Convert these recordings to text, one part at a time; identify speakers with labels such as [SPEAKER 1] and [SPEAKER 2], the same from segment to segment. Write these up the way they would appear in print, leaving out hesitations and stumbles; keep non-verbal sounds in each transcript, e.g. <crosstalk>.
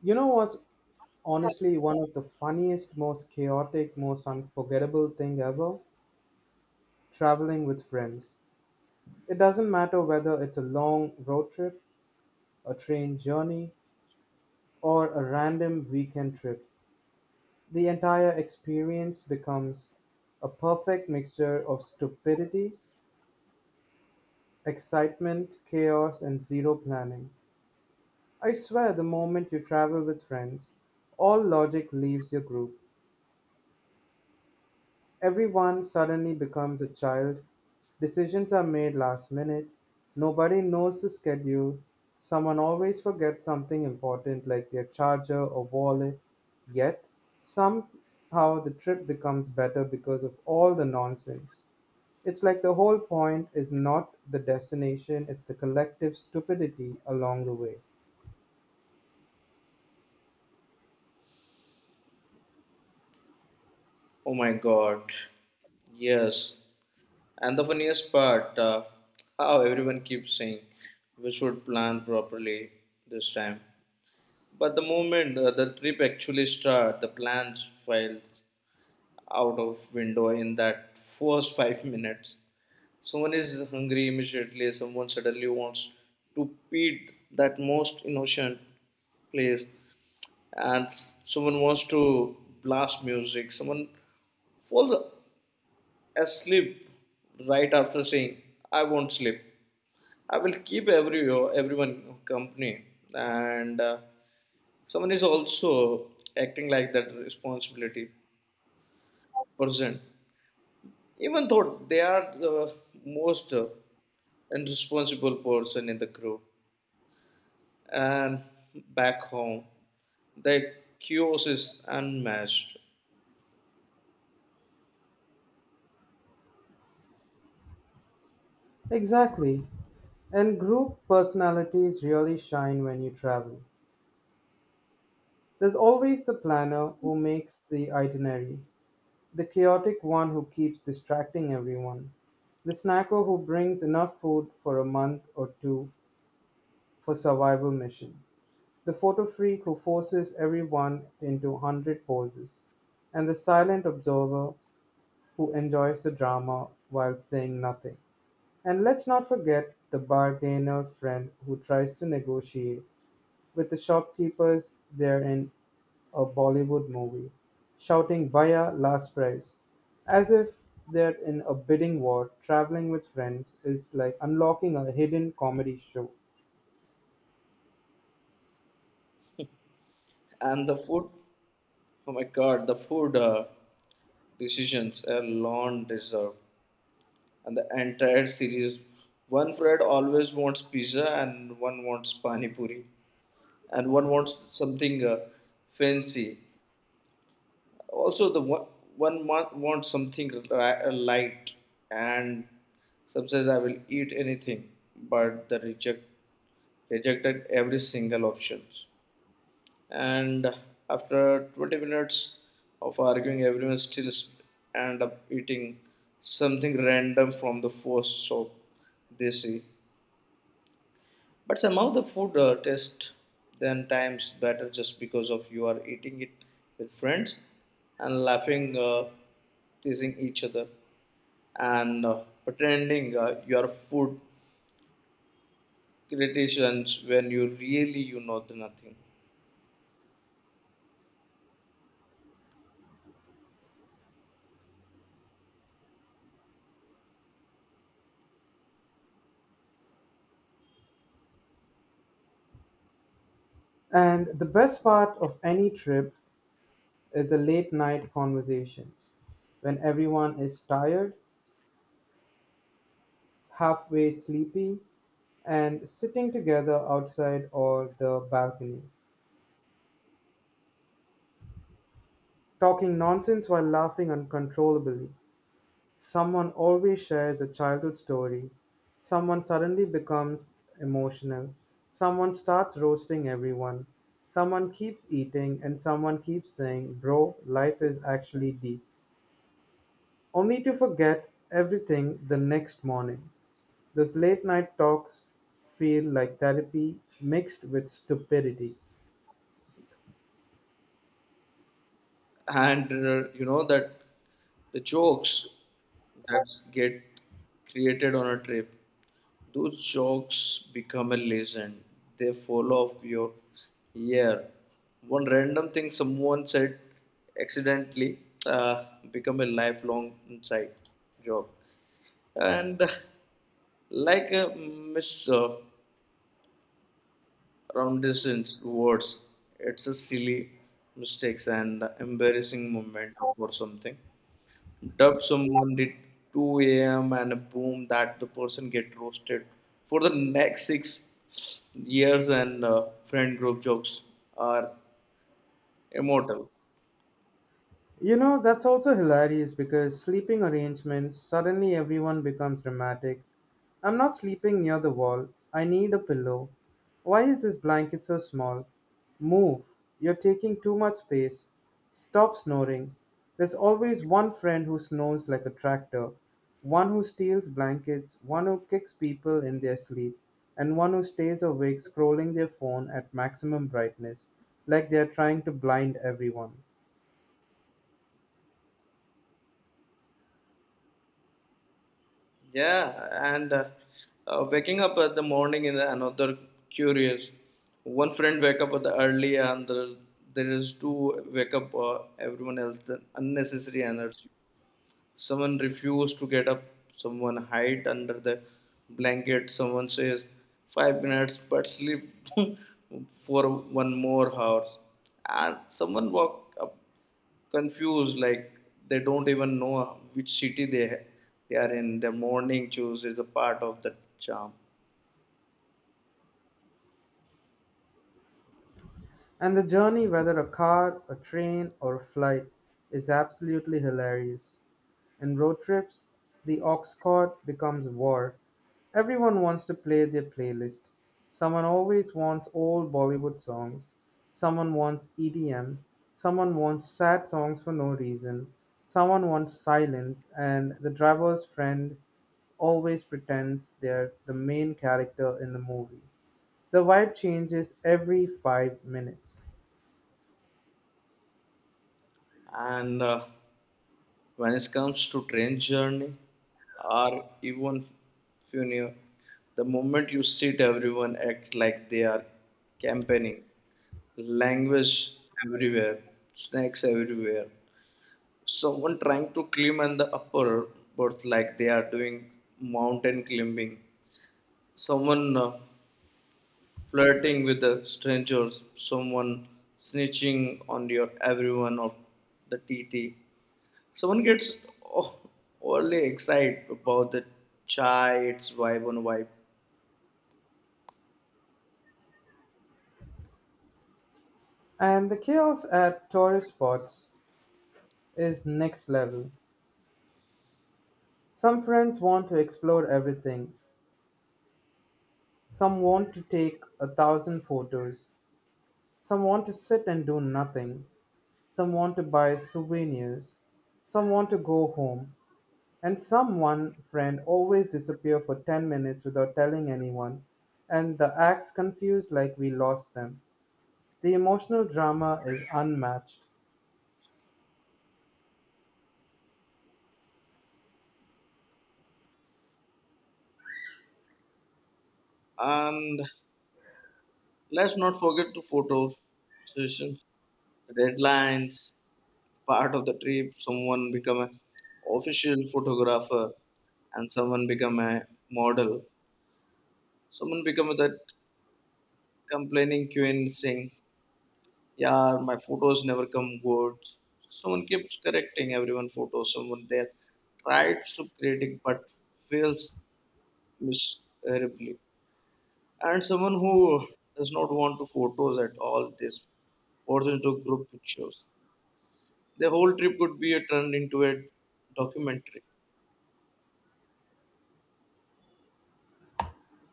[SPEAKER 1] You know what's honestly one of the funniest, most chaotic, most unforgettable thing ever? Traveling with friends. It doesn't matter whether it's a long road trip, a train journey, or a random weekend trip. The entire experience becomes a perfect mixture of stupidity, excitement, chaos, and zero planning. I swear, the moment you travel with friends, all logic leaves your group. Everyone suddenly becomes a child. Decisions are made last minute. Nobody knows the schedule. Someone always forgets something important like their charger or wallet. Yet, somehow the trip becomes better because of all the nonsense. It's like the whole point is not the destination, it's the collective stupidity along the way.
[SPEAKER 2] Oh my god. Yes. And the funniest part, how everyone keeps saying we should plan properly this time. But the moment the trip actually starts, the plans fell out of window in that first 5 minutes. Someone is hungry immediately, someone suddenly wants to feed that most innocent place, and someone wants to blast music, someone falls asleep right after saying I won't sleep. I will keep everyone company, and someone is also acting like that responsibility person, even though they are the most irresponsible person in the group. And back home, the chaos is unmatched,
[SPEAKER 1] Exactly. And group personalities really shine when you travel. There's always the planner who makes the itinerary, the chaotic one who keeps distracting everyone, the snacker who brings enough food for a month or two for survival mission, the photo freak who forces everyone into 100 poses, and the silent observer who enjoys the drama while saying nothing. And let's not forget the bargainer friend who tries to negotiate with the shopkeepers they're in a Bollywood movie, shouting Bhaiya last price, as if they're in a bidding war. Traveling with friends is like unlocking a hidden comedy show.
[SPEAKER 2] and the food. Oh my God, the food. Decisions alone deserved. And the entire series. One Fred always wants pizza, and one wants pani puri, and one wants something fancy. Also, the one wants something light, and some says I will eat anything, but the rejected every single options, and after 20 minutes of arguing everyone still end up eating something random from the first shop they see, but somehow the food tastes ten times better just because of you are eating it with friends and laughing, teasing each other, and pretending your food criticisms when you really the nothing.
[SPEAKER 1] And the best part of any trip is the late night conversations when everyone is tired, halfway sleepy, and sitting together outside or the balcony, talking nonsense while laughing uncontrollably. Someone always shares a childhood story. Someone suddenly becomes emotional. Someone starts roasting everyone. Someone keeps eating, and someone keeps saying, Bro, life is actually deep. Only to forget everything the next morning. Those late night talks feel like therapy mixed with stupidity.
[SPEAKER 2] And that the jokes that get created on a trip, those jokes become a legend. They fall off your ear. One random thing someone said accidentally, uh, become a lifelong inside joke. And like a miss, around words, it's a silly mistakes and embarrassing moment or something. Dub someone at 2 a.m. and boom, that the person get roasted for the next 6 years, and friend group jokes are immortal.
[SPEAKER 1] You know, that's also hilarious because sleeping arrangements, suddenly everyone becomes dramatic. I'm not sleeping near the wall. I need a pillow. Why is this blanket so small? Move. You're taking too much space. Stop snoring. There's always one friend who snores like a tractor, one who steals blankets, one who kicks people in their sleep, and one who stays awake scrolling their phone at maximum brightness, like they're trying to blind everyone.
[SPEAKER 2] Yeah, and waking up at the morning in another curious. One friend wake up at the early, and there is two wake up everyone else the unnecessary energy. Someone refused to get up, someone hide under the blanket, someone says 5 minutes but sleep <laughs> for one more hour, and someone walk up confused like they don't even know which city they are in. The morning choose is a part of the charm.
[SPEAKER 1] And the journey, whether a car, a train, or a flight, is absolutely hilarious. In road trips, the ox cart becomes war. Everyone wants to play their playlist. Someone always wants old Bollywood songs. Someone wants EDM. Someone wants sad songs for no reason. Someone wants silence, and the driver's friend always pretends they're the main character in the movie. The vibe changes every 5 minutes.
[SPEAKER 2] And when it comes to train journey or even funeral, the moment you sit, everyone act like they are campaigning. Language everywhere, snacks everywhere. Someone trying to climb on the upper berth like they are doing mountain climbing. Someone flirting with the strangers. Someone snitching on your everyone of the T T. Someone gets o- overly excited about the chai, its vibe on vibe.
[SPEAKER 1] And the chaos at tourist spots is next level. Some friends want to explore everything, some want to take a thousand photos, some want to sit and do nothing, some want to buy souvenirs, some want to go home, and some one friend always disappear for 10 minutes without telling anyone, and the acts confused like we lost them. The emotional drama is unmatched.
[SPEAKER 2] And let's not forget the photo sessions, the deadlines, part of the trip. Someone become an official photographer and someone become a model. Someone become that complaining queen saying, yeah, my photos never come good. Someone keeps correcting everyone photos. Someone there tried to critic but fails miserably. And someone who does not want to photos at all, this pours into group pictures. The whole trip could be turned into a documentary.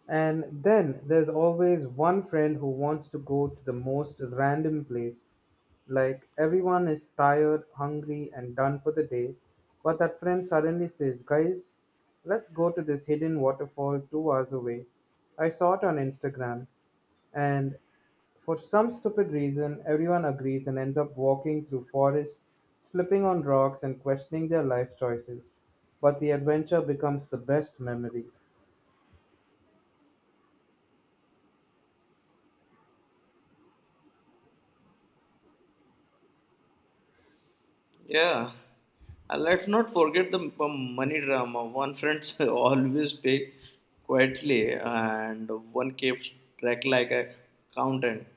[SPEAKER 1] And then there's always one friend who wants to go to the most random place. Like everyone is tired, hungry, and done for the day, but that friend suddenly says, Guys, let's go to this hidden waterfall 2 hours away. I saw it on Instagram, and for some stupid reason, everyone agrees and ends up walking through forests, slipping on rocks, and questioning their life choices. But the adventure becomes the best memory.
[SPEAKER 2] Yeah. And let's not forget the money drama. One friend <laughs> always pay quietly, and one keeps track like a accountant.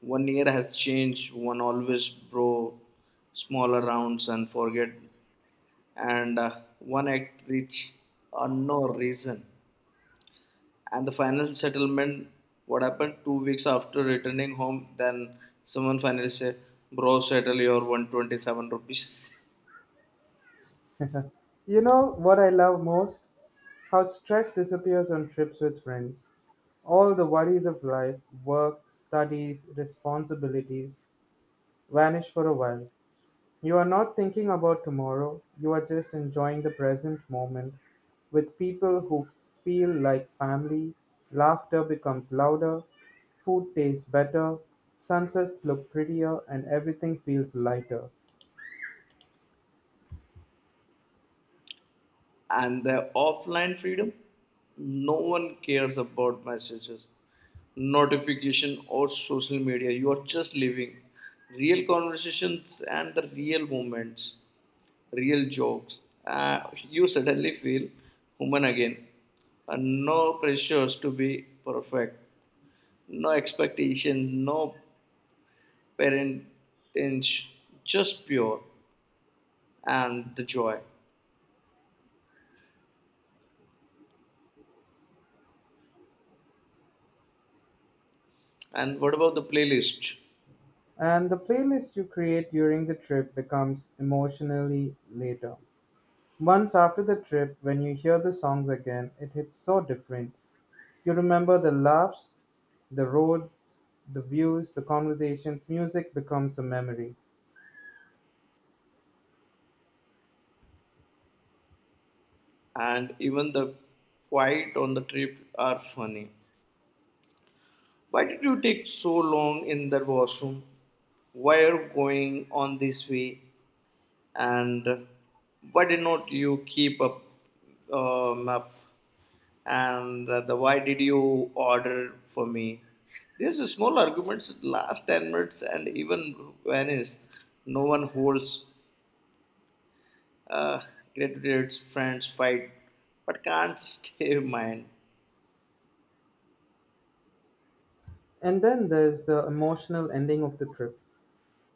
[SPEAKER 2] One year has changed. One always bro smaller rounds and forget, and one act rich on no reason. And the final settlement, what happened 2 weeks after returning home, then someone finally said, Bro, settle your 127 rupees.
[SPEAKER 1] You know what I love most? How stress disappears on trips with friends. All the worries of life, work, studies, responsibilities vanish for a while. You are not thinking about tomorrow, you are just enjoying the present moment with people who feel like family. Laughter becomes louder, food tastes better, sunsets look prettier, and everything feels lighter.
[SPEAKER 2] And the offline freedom, no one cares about messages notification or social media. You are just living real conversations and the real moments, real jokes, uh, you suddenly feel human again. And no pressures to be perfect, no expectation, no parentage, just pure and the joy. And what about the playlist?
[SPEAKER 1] And the playlist you create during the trip becomes emotionally later. Months after the trip, when you hear the songs again, it hits so different. You remember the laughs, the roads, the views, the conversations. Music becomes a memory.
[SPEAKER 2] And even the fight on the trip are funny. Why did you take so long in the washroom? Why are you going on this way? And why did not you keep up map? And the why did you order for me? These small arguments last 10 minutes and even vanish. No one holds uh, graduates, friends fight, but can't <laughs> stay in mind.
[SPEAKER 1] And then there's the emotional ending of the trip.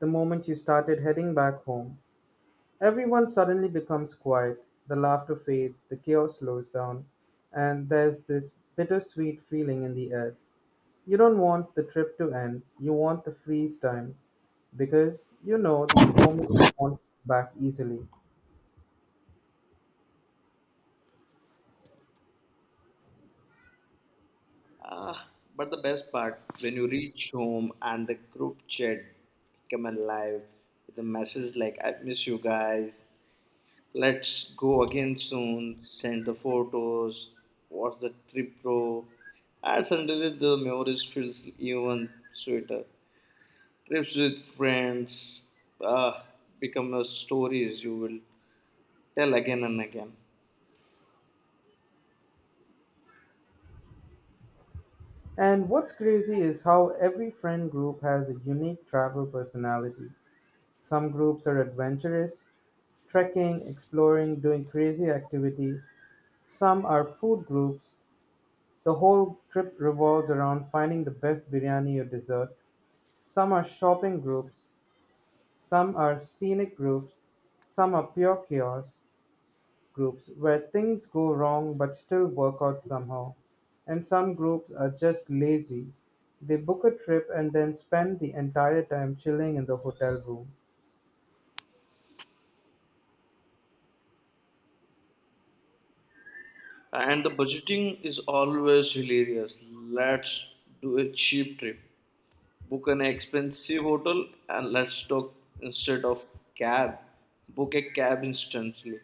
[SPEAKER 1] The moment you started heading back home, everyone suddenly becomes quiet. The laughter fades, the chaos slows down, and there's this bittersweet feeling in the air. You don't want the trip to end, you want the freeze time because you know these moments won't come back easily.
[SPEAKER 2] Ah, but the best part, when you reach home and the group chat become alive with a message like "I miss you guys," let's go again soon. Send the photos. What's the trip, bro? And suddenly the memories feels even sweeter. Trips with friends, ah, become a stories you will tell again and again.
[SPEAKER 1] And what's crazy is how every friend group has a unique travel personality. Some groups are adventurous, trekking, exploring, doing crazy activities. Some are food groups. The whole trip revolves around finding the best biryani or dessert. Some are shopping groups. Some are scenic groups. Some are pure chaos, groups where things go wrong but still work out somehow. And some groups are just lazy. They book a trip and then spend the entire time chilling in the hotel room.
[SPEAKER 2] And the budgeting is always hilarious. Let's do a cheap trip. Book an expensive hotel, and let's talk instead of cab. Book a cab instantly.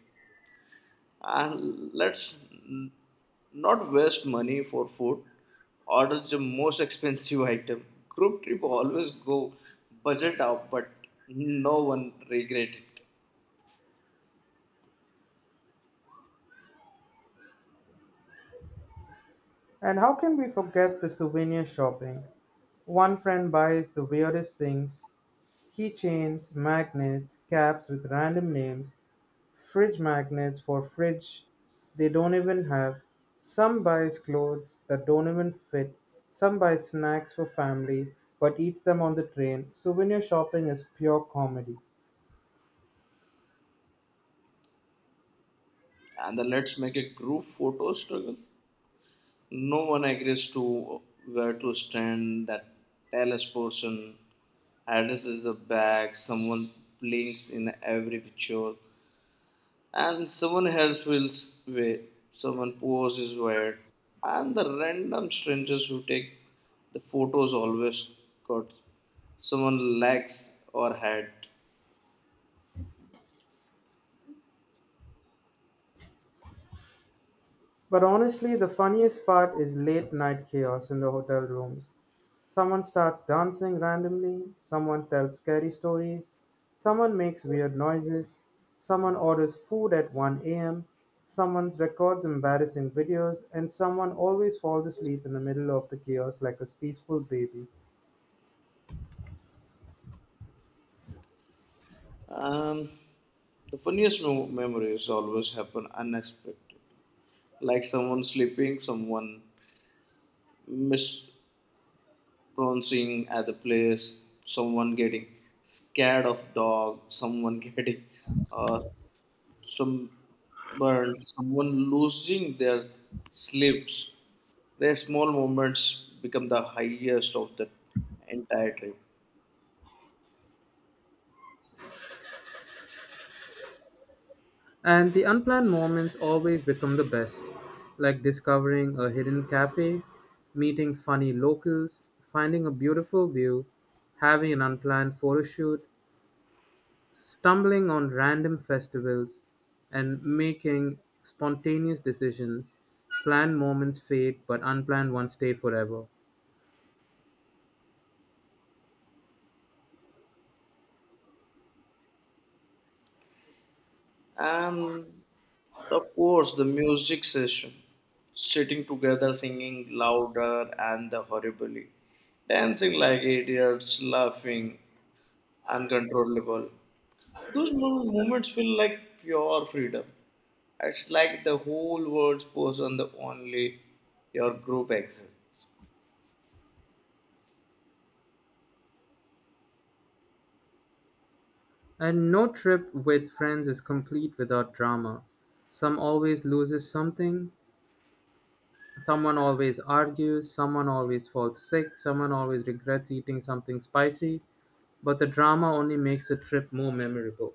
[SPEAKER 2] And let's not waste money for food. Order the most expensive item. Group trip always go budget up, but no one regret it.
[SPEAKER 1] And how can we forget the souvenir shopping? One friend buys the weirdest things: keychains, magnets, caps with random names, fridge magnets for fridge they don't even have. Some buys clothes that don't even fit, some buy snacks for family but eats them on the train. Souvenir shopping is pure comedy.
[SPEAKER 2] And then let's make a group photo struggle. No one agrees to where to stand. That careless person addresses the bag. Someone blinks in every picture, and someone else feels way. Someone poses weird, and the random strangers who take the photos always got someone legs or head.
[SPEAKER 1] But honestly, the funniest part is late night chaos in the hotel rooms. Someone starts dancing randomly, someone tells scary stories, someone makes weird noises, someone orders food at 1 a.m., someone records embarrassing videos, and someone always falls asleep in the middle of the chaos like a peaceful baby.
[SPEAKER 2] Um, the funniest memories always happen unexpectedly, like someone sleeping, someone miss prancing at the place, someone getting scared of dog, someone <laughs> getting, uh, some burn, someone losing their slips. Their small moments become the highest of the entire trip.
[SPEAKER 1] And the unplanned moments always become the best, like discovering a hidden cafe, meeting funny locals, finding a beautiful view, having an unplanned photo shoot, stumbling on random festivals, and making spontaneous decisions. Planned moments fade, but unplanned ones stay forever.
[SPEAKER 2] And of course, the music session, sitting together, singing louder and the horribly, dancing like idiots, laughing uncontrollable. Those moments feel like pure freedom. It's like the whole world's posed on the only your group exists.
[SPEAKER 1] And no trip with friends is complete without drama. Some always loses something, someone always argues, someone always falls sick, someone always regrets eating something spicy, but the drama only makes the trip more memorable.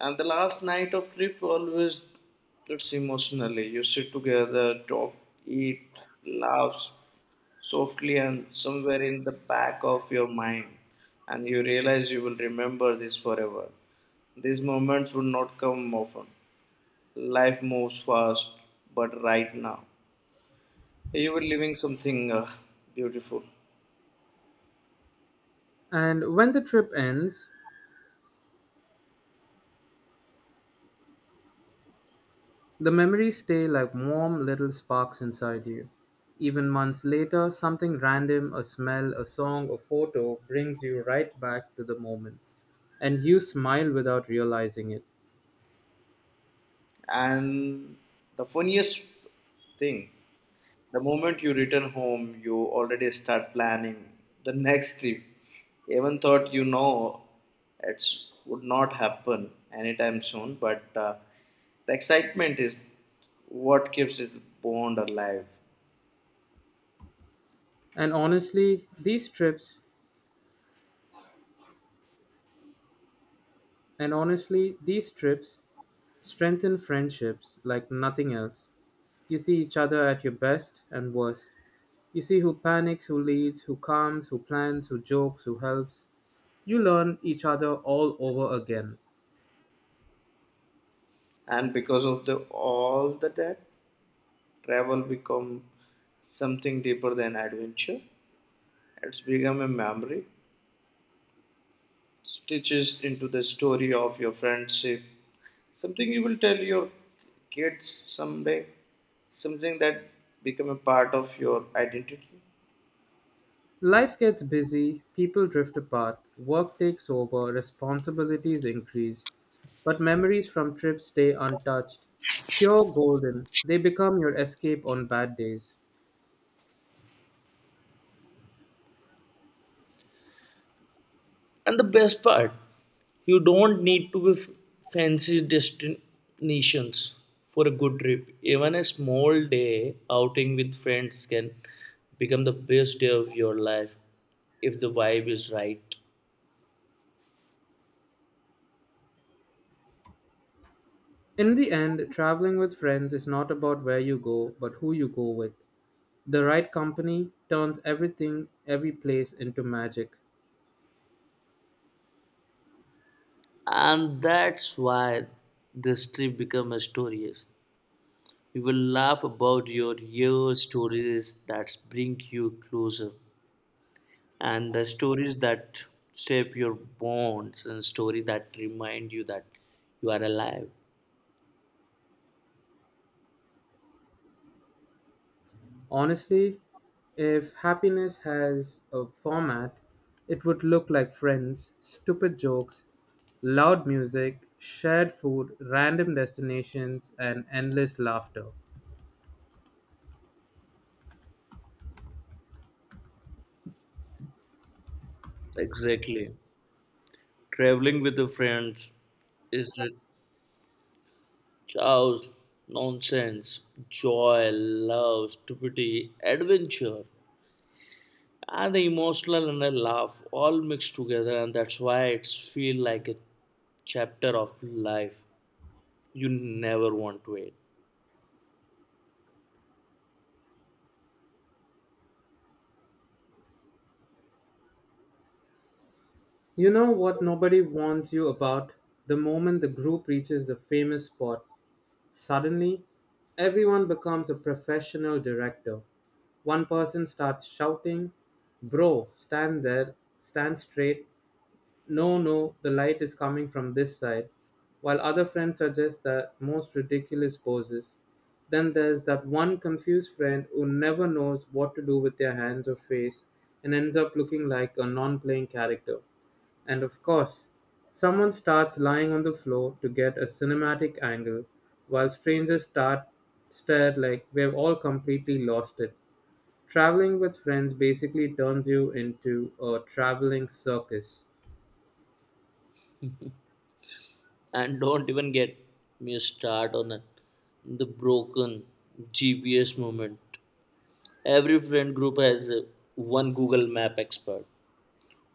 [SPEAKER 2] And the last night of trip always it's emotionally. You sit together, talk, eat, laugh softly, and somewhere in the back of your mind, and you realize you will remember this forever. These moments will not come often. Life moves fast, but right now, you were living something beautiful.
[SPEAKER 1] And when the trip ends, the memories stay like warm little sparks inside you. Even months later, something random, a smell, a song, a photo brings you right back to the moment. And you smile without realizing it.
[SPEAKER 2] And the funniest thing, the moment you return home, you already start planning the next trip. Even thought you know it would not happen anytime soon, but the excitement is what keeps this bond alive.
[SPEAKER 1] And honestly, these trips, and honestly, these trips strengthen friendships like nothing else. You see each other at your best and worst. You see who panics, who leads, who calms, who plans, who jokes, who helps. You learn each other all over again.
[SPEAKER 2] And because of the all the that, travel become something deeper than adventure. It's become a memory stitches into the story of your friendship. Something you will tell your kids someday. Something that become a part of your identity.
[SPEAKER 1] Life gets busy, people drift apart, work takes over, responsibilities increase. But memories from trips stay untouched. Pure golden, they become your escape on bad days.
[SPEAKER 2] And the best part, you don't need to be fancy destinations for a good trip. Even a small day outing with friends can become the best day of your life if the vibe is right.
[SPEAKER 1] In the end, traveling with friends is not about where you go, but who you go with. The right company turns everything, every place into magic.
[SPEAKER 2] And that's why this trip becomes a story. You will laugh about your year stories that bring you closer, and the stories that shape your bonds, and story that remind you that you are alive.
[SPEAKER 1] Honestly, if happiness has a format, it would look like friends, stupid jokes, loud music, shared food, random destinations, and endless laughter.
[SPEAKER 2] Exactly. Traveling with your friends is a chaos, nonsense, joy, love, stupidity, adventure, and the emotional and the laugh all mixed together, and that's why it's feel like a chapter of life you never want to end.
[SPEAKER 1] You know what nobody warns you about? The moment the group reaches the famous spot, suddenly everyone becomes a professional director. One person starts shouting, Bro, stand there, stand straight. No, no, the light is coming from this side. While other friends suggest the most ridiculous poses. Then there's that one confused friend who never knows what to do with their hands or face and ends up looking like a non playing character. And of course, someone starts lying on the floor to get a cinematic angle, while strangers start stare like we've all completely lost it. Traveling with friends basically turns you into a traveling circus.
[SPEAKER 2] And even get me started on the one GPS moment. Every friend group has one Google Map expert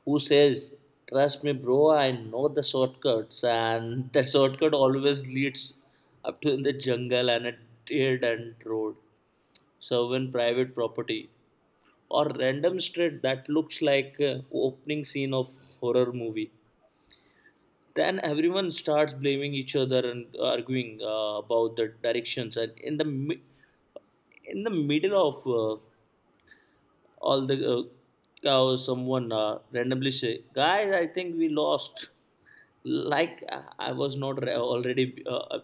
[SPEAKER 2] who says, Trust me, bro, I know the shortcuts, and <laughs> that shortcut always leads up to in the jungle and a dead end road, serving private property, or random street that looks like opening scene of horror movie. Then everyone starts blaming each other and arguing about the directions, and in the middle of all the chaos, someone randomly say guys I think we lost, like I was not already uh,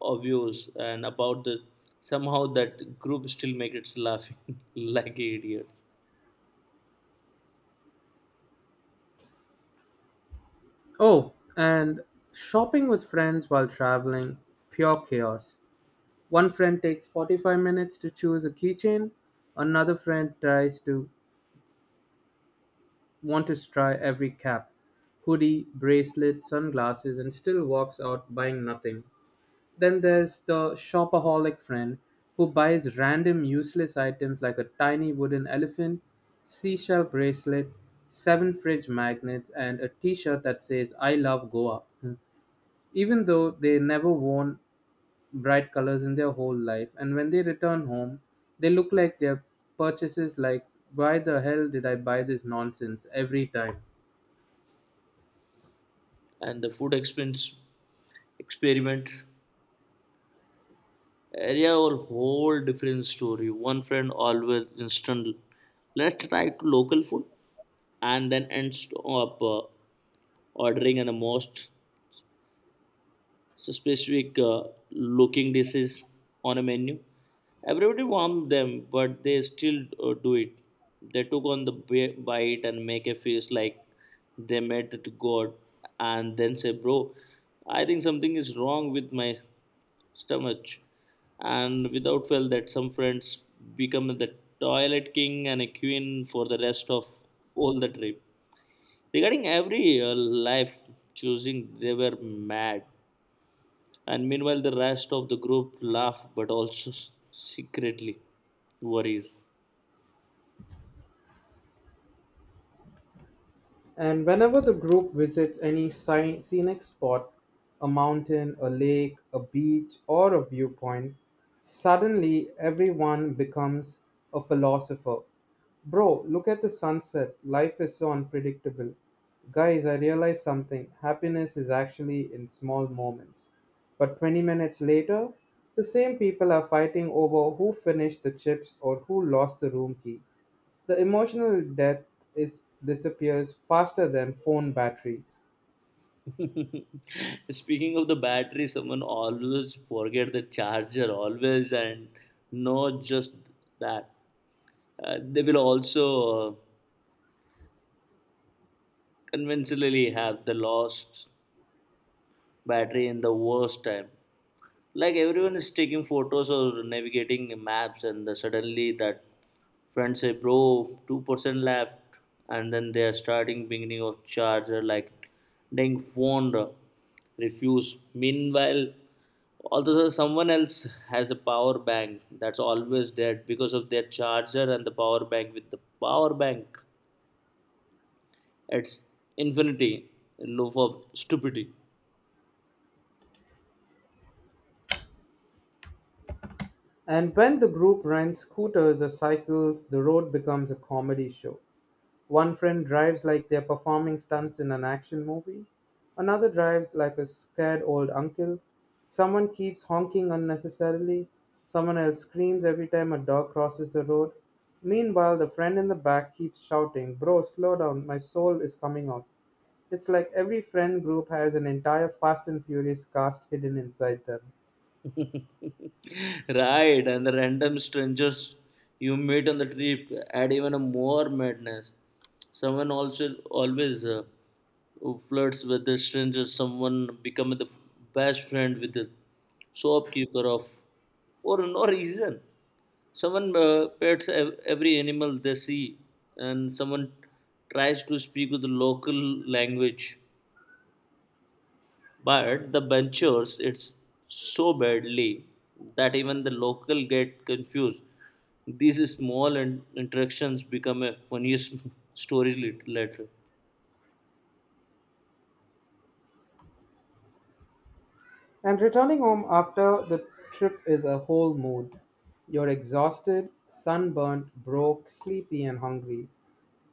[SPEAKER 2] obvious, and about the somehow that group still makes it laughing <laughs> like idiots.
[SPEAKER 1] Oh, and shopping with friends while traveling, pure chaos. One friend takes 45 minutes to choose a keychain, another friend tries to want to try every cap, hoodie, bracelet, sunglasses, and still walks out buying nothing. Then there's the shopaholic friend who buys random useless items like a tiny wooden elephant, seashell bracelet, seven fridge magnets, and a t shirt that says, I love Goa, <laughs> even though they never worn bright colors in their whole life. And when they return home, they look like their purchases like, why the hell did I buy this nonsense every time?
[SPEAKER 2] And the food expense experiment area or whole different story. One friend always instant, let's try to local food, and then ends up ordering an most so specific looking dishes on a menu. Everybody warmed them, but they still do it. They took on the bite and make a face like they met to God, and then say, "Bro, I think something is wrong with my stomach." And without fail, that some friends become the toilet king and a queen for the rest of all the trip. Regarding every life choosing, they were mad. And meanwhile, the rest of the group laugh, but also secretly worries.
[SPEAKER 1] And whenever the group visits any scenic spot, a mountain, a lake, a beach, or a viewpoint, suddenly everyone becomes a philosopher. Bro, look at the sunset. Life is so unpredictable. Guys, I realized something. Happiness is actually in small moments. But 20 minutes later, the same people are fighting over who finished the chips or who lost the room key. The emotional depth is disappears faster than phone batteries.
[SPEAKER 2] <laughs> Speaking of the battery, someone always forget the charger, always, and not just that. They will also conventionally have the lost battery in the worst time. Like everyone is taking photos or navigating maps, and suddenly that friend say bro 2% left, and then they are starting beginning of charger like dang phone, refuse. Meanwhile, although someone else has a power bank that's always dead because of their charger, and the power bank with the power bank, it's infinity in loop of stupidity.
[SPEAKER 1] And when the group rents scooters or cycles, the road becomes a comedy show. One friend drives like they're performing stunts in an action movie. Another drives like a scared old uncle. Someone keeps honking unnecessarily. Someone else screams every time a dog crosses the road. Meanwhile, the friend in the back keeps shouting, Bro, slow down, my soul is coming out. It's like every friend group has an entire Fast and Furious cast hidden inside them.
[SPEAKER 2] Right, and the random strangers you meet on the trip add even a more madness. Someone also always flirts with the stranger. Someone become the best friend with the shopkeeper of for no reason. Someone pets every animal they see, and someone tries to speak with the local language. But the ventures, it's so badly that even the local get confused. These small interactions become a funniest <laughs> story later.
[SPEAKER 1] And returning home after the trip is a whole mood. You're exhausted, sunburnt, broke, sleepy, and hungry.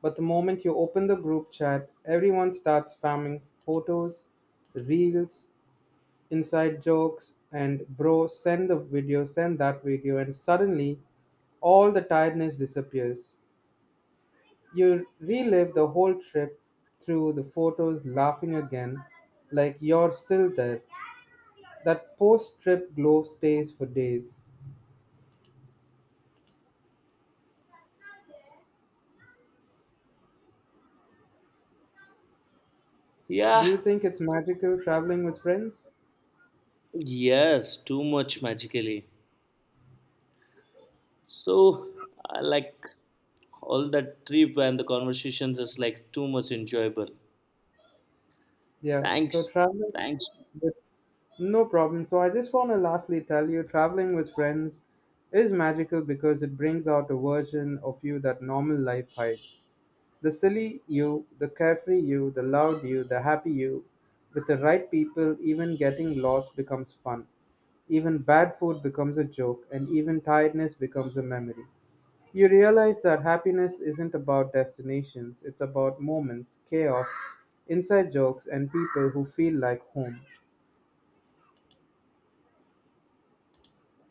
[SPEAKER 1] But the moment you open the group chat, everyone starts spamming photos, reels, inside jokes, and bro, send the video, send that video, and suddenly all the tiredness disappears. You relive the whole trip through the photos, laughing again, like you're still there. That post trip glow stays for days. Do
[SPEAKER 2] Yeah,
[SPEAKER 1] you think it's magical traveling with friends?
[SPEAKER 2] yes, too much magically. So I like all that trip and the conversations is like too much enjoyable.
[SPEAKER 1] Yeah, so
[SPEAKER 2] Thanks,
[SPEAKER 1] traveling
[SPEAKER 2] thanks.
[SPEAKER 1] with no problem. So I just want to lastly tell you traveling with friends is magical because it brings out a version of you that normal life hides. The silly you, the carefree you, the loud you, the happy you. With the right people, even getting lost becomes fun. Even bad food becomes a joke, and even tiredness becomes a memory. You realize that happiness isn't about destinations, it's about moments, chaos, inside jokes, and people who feel like home.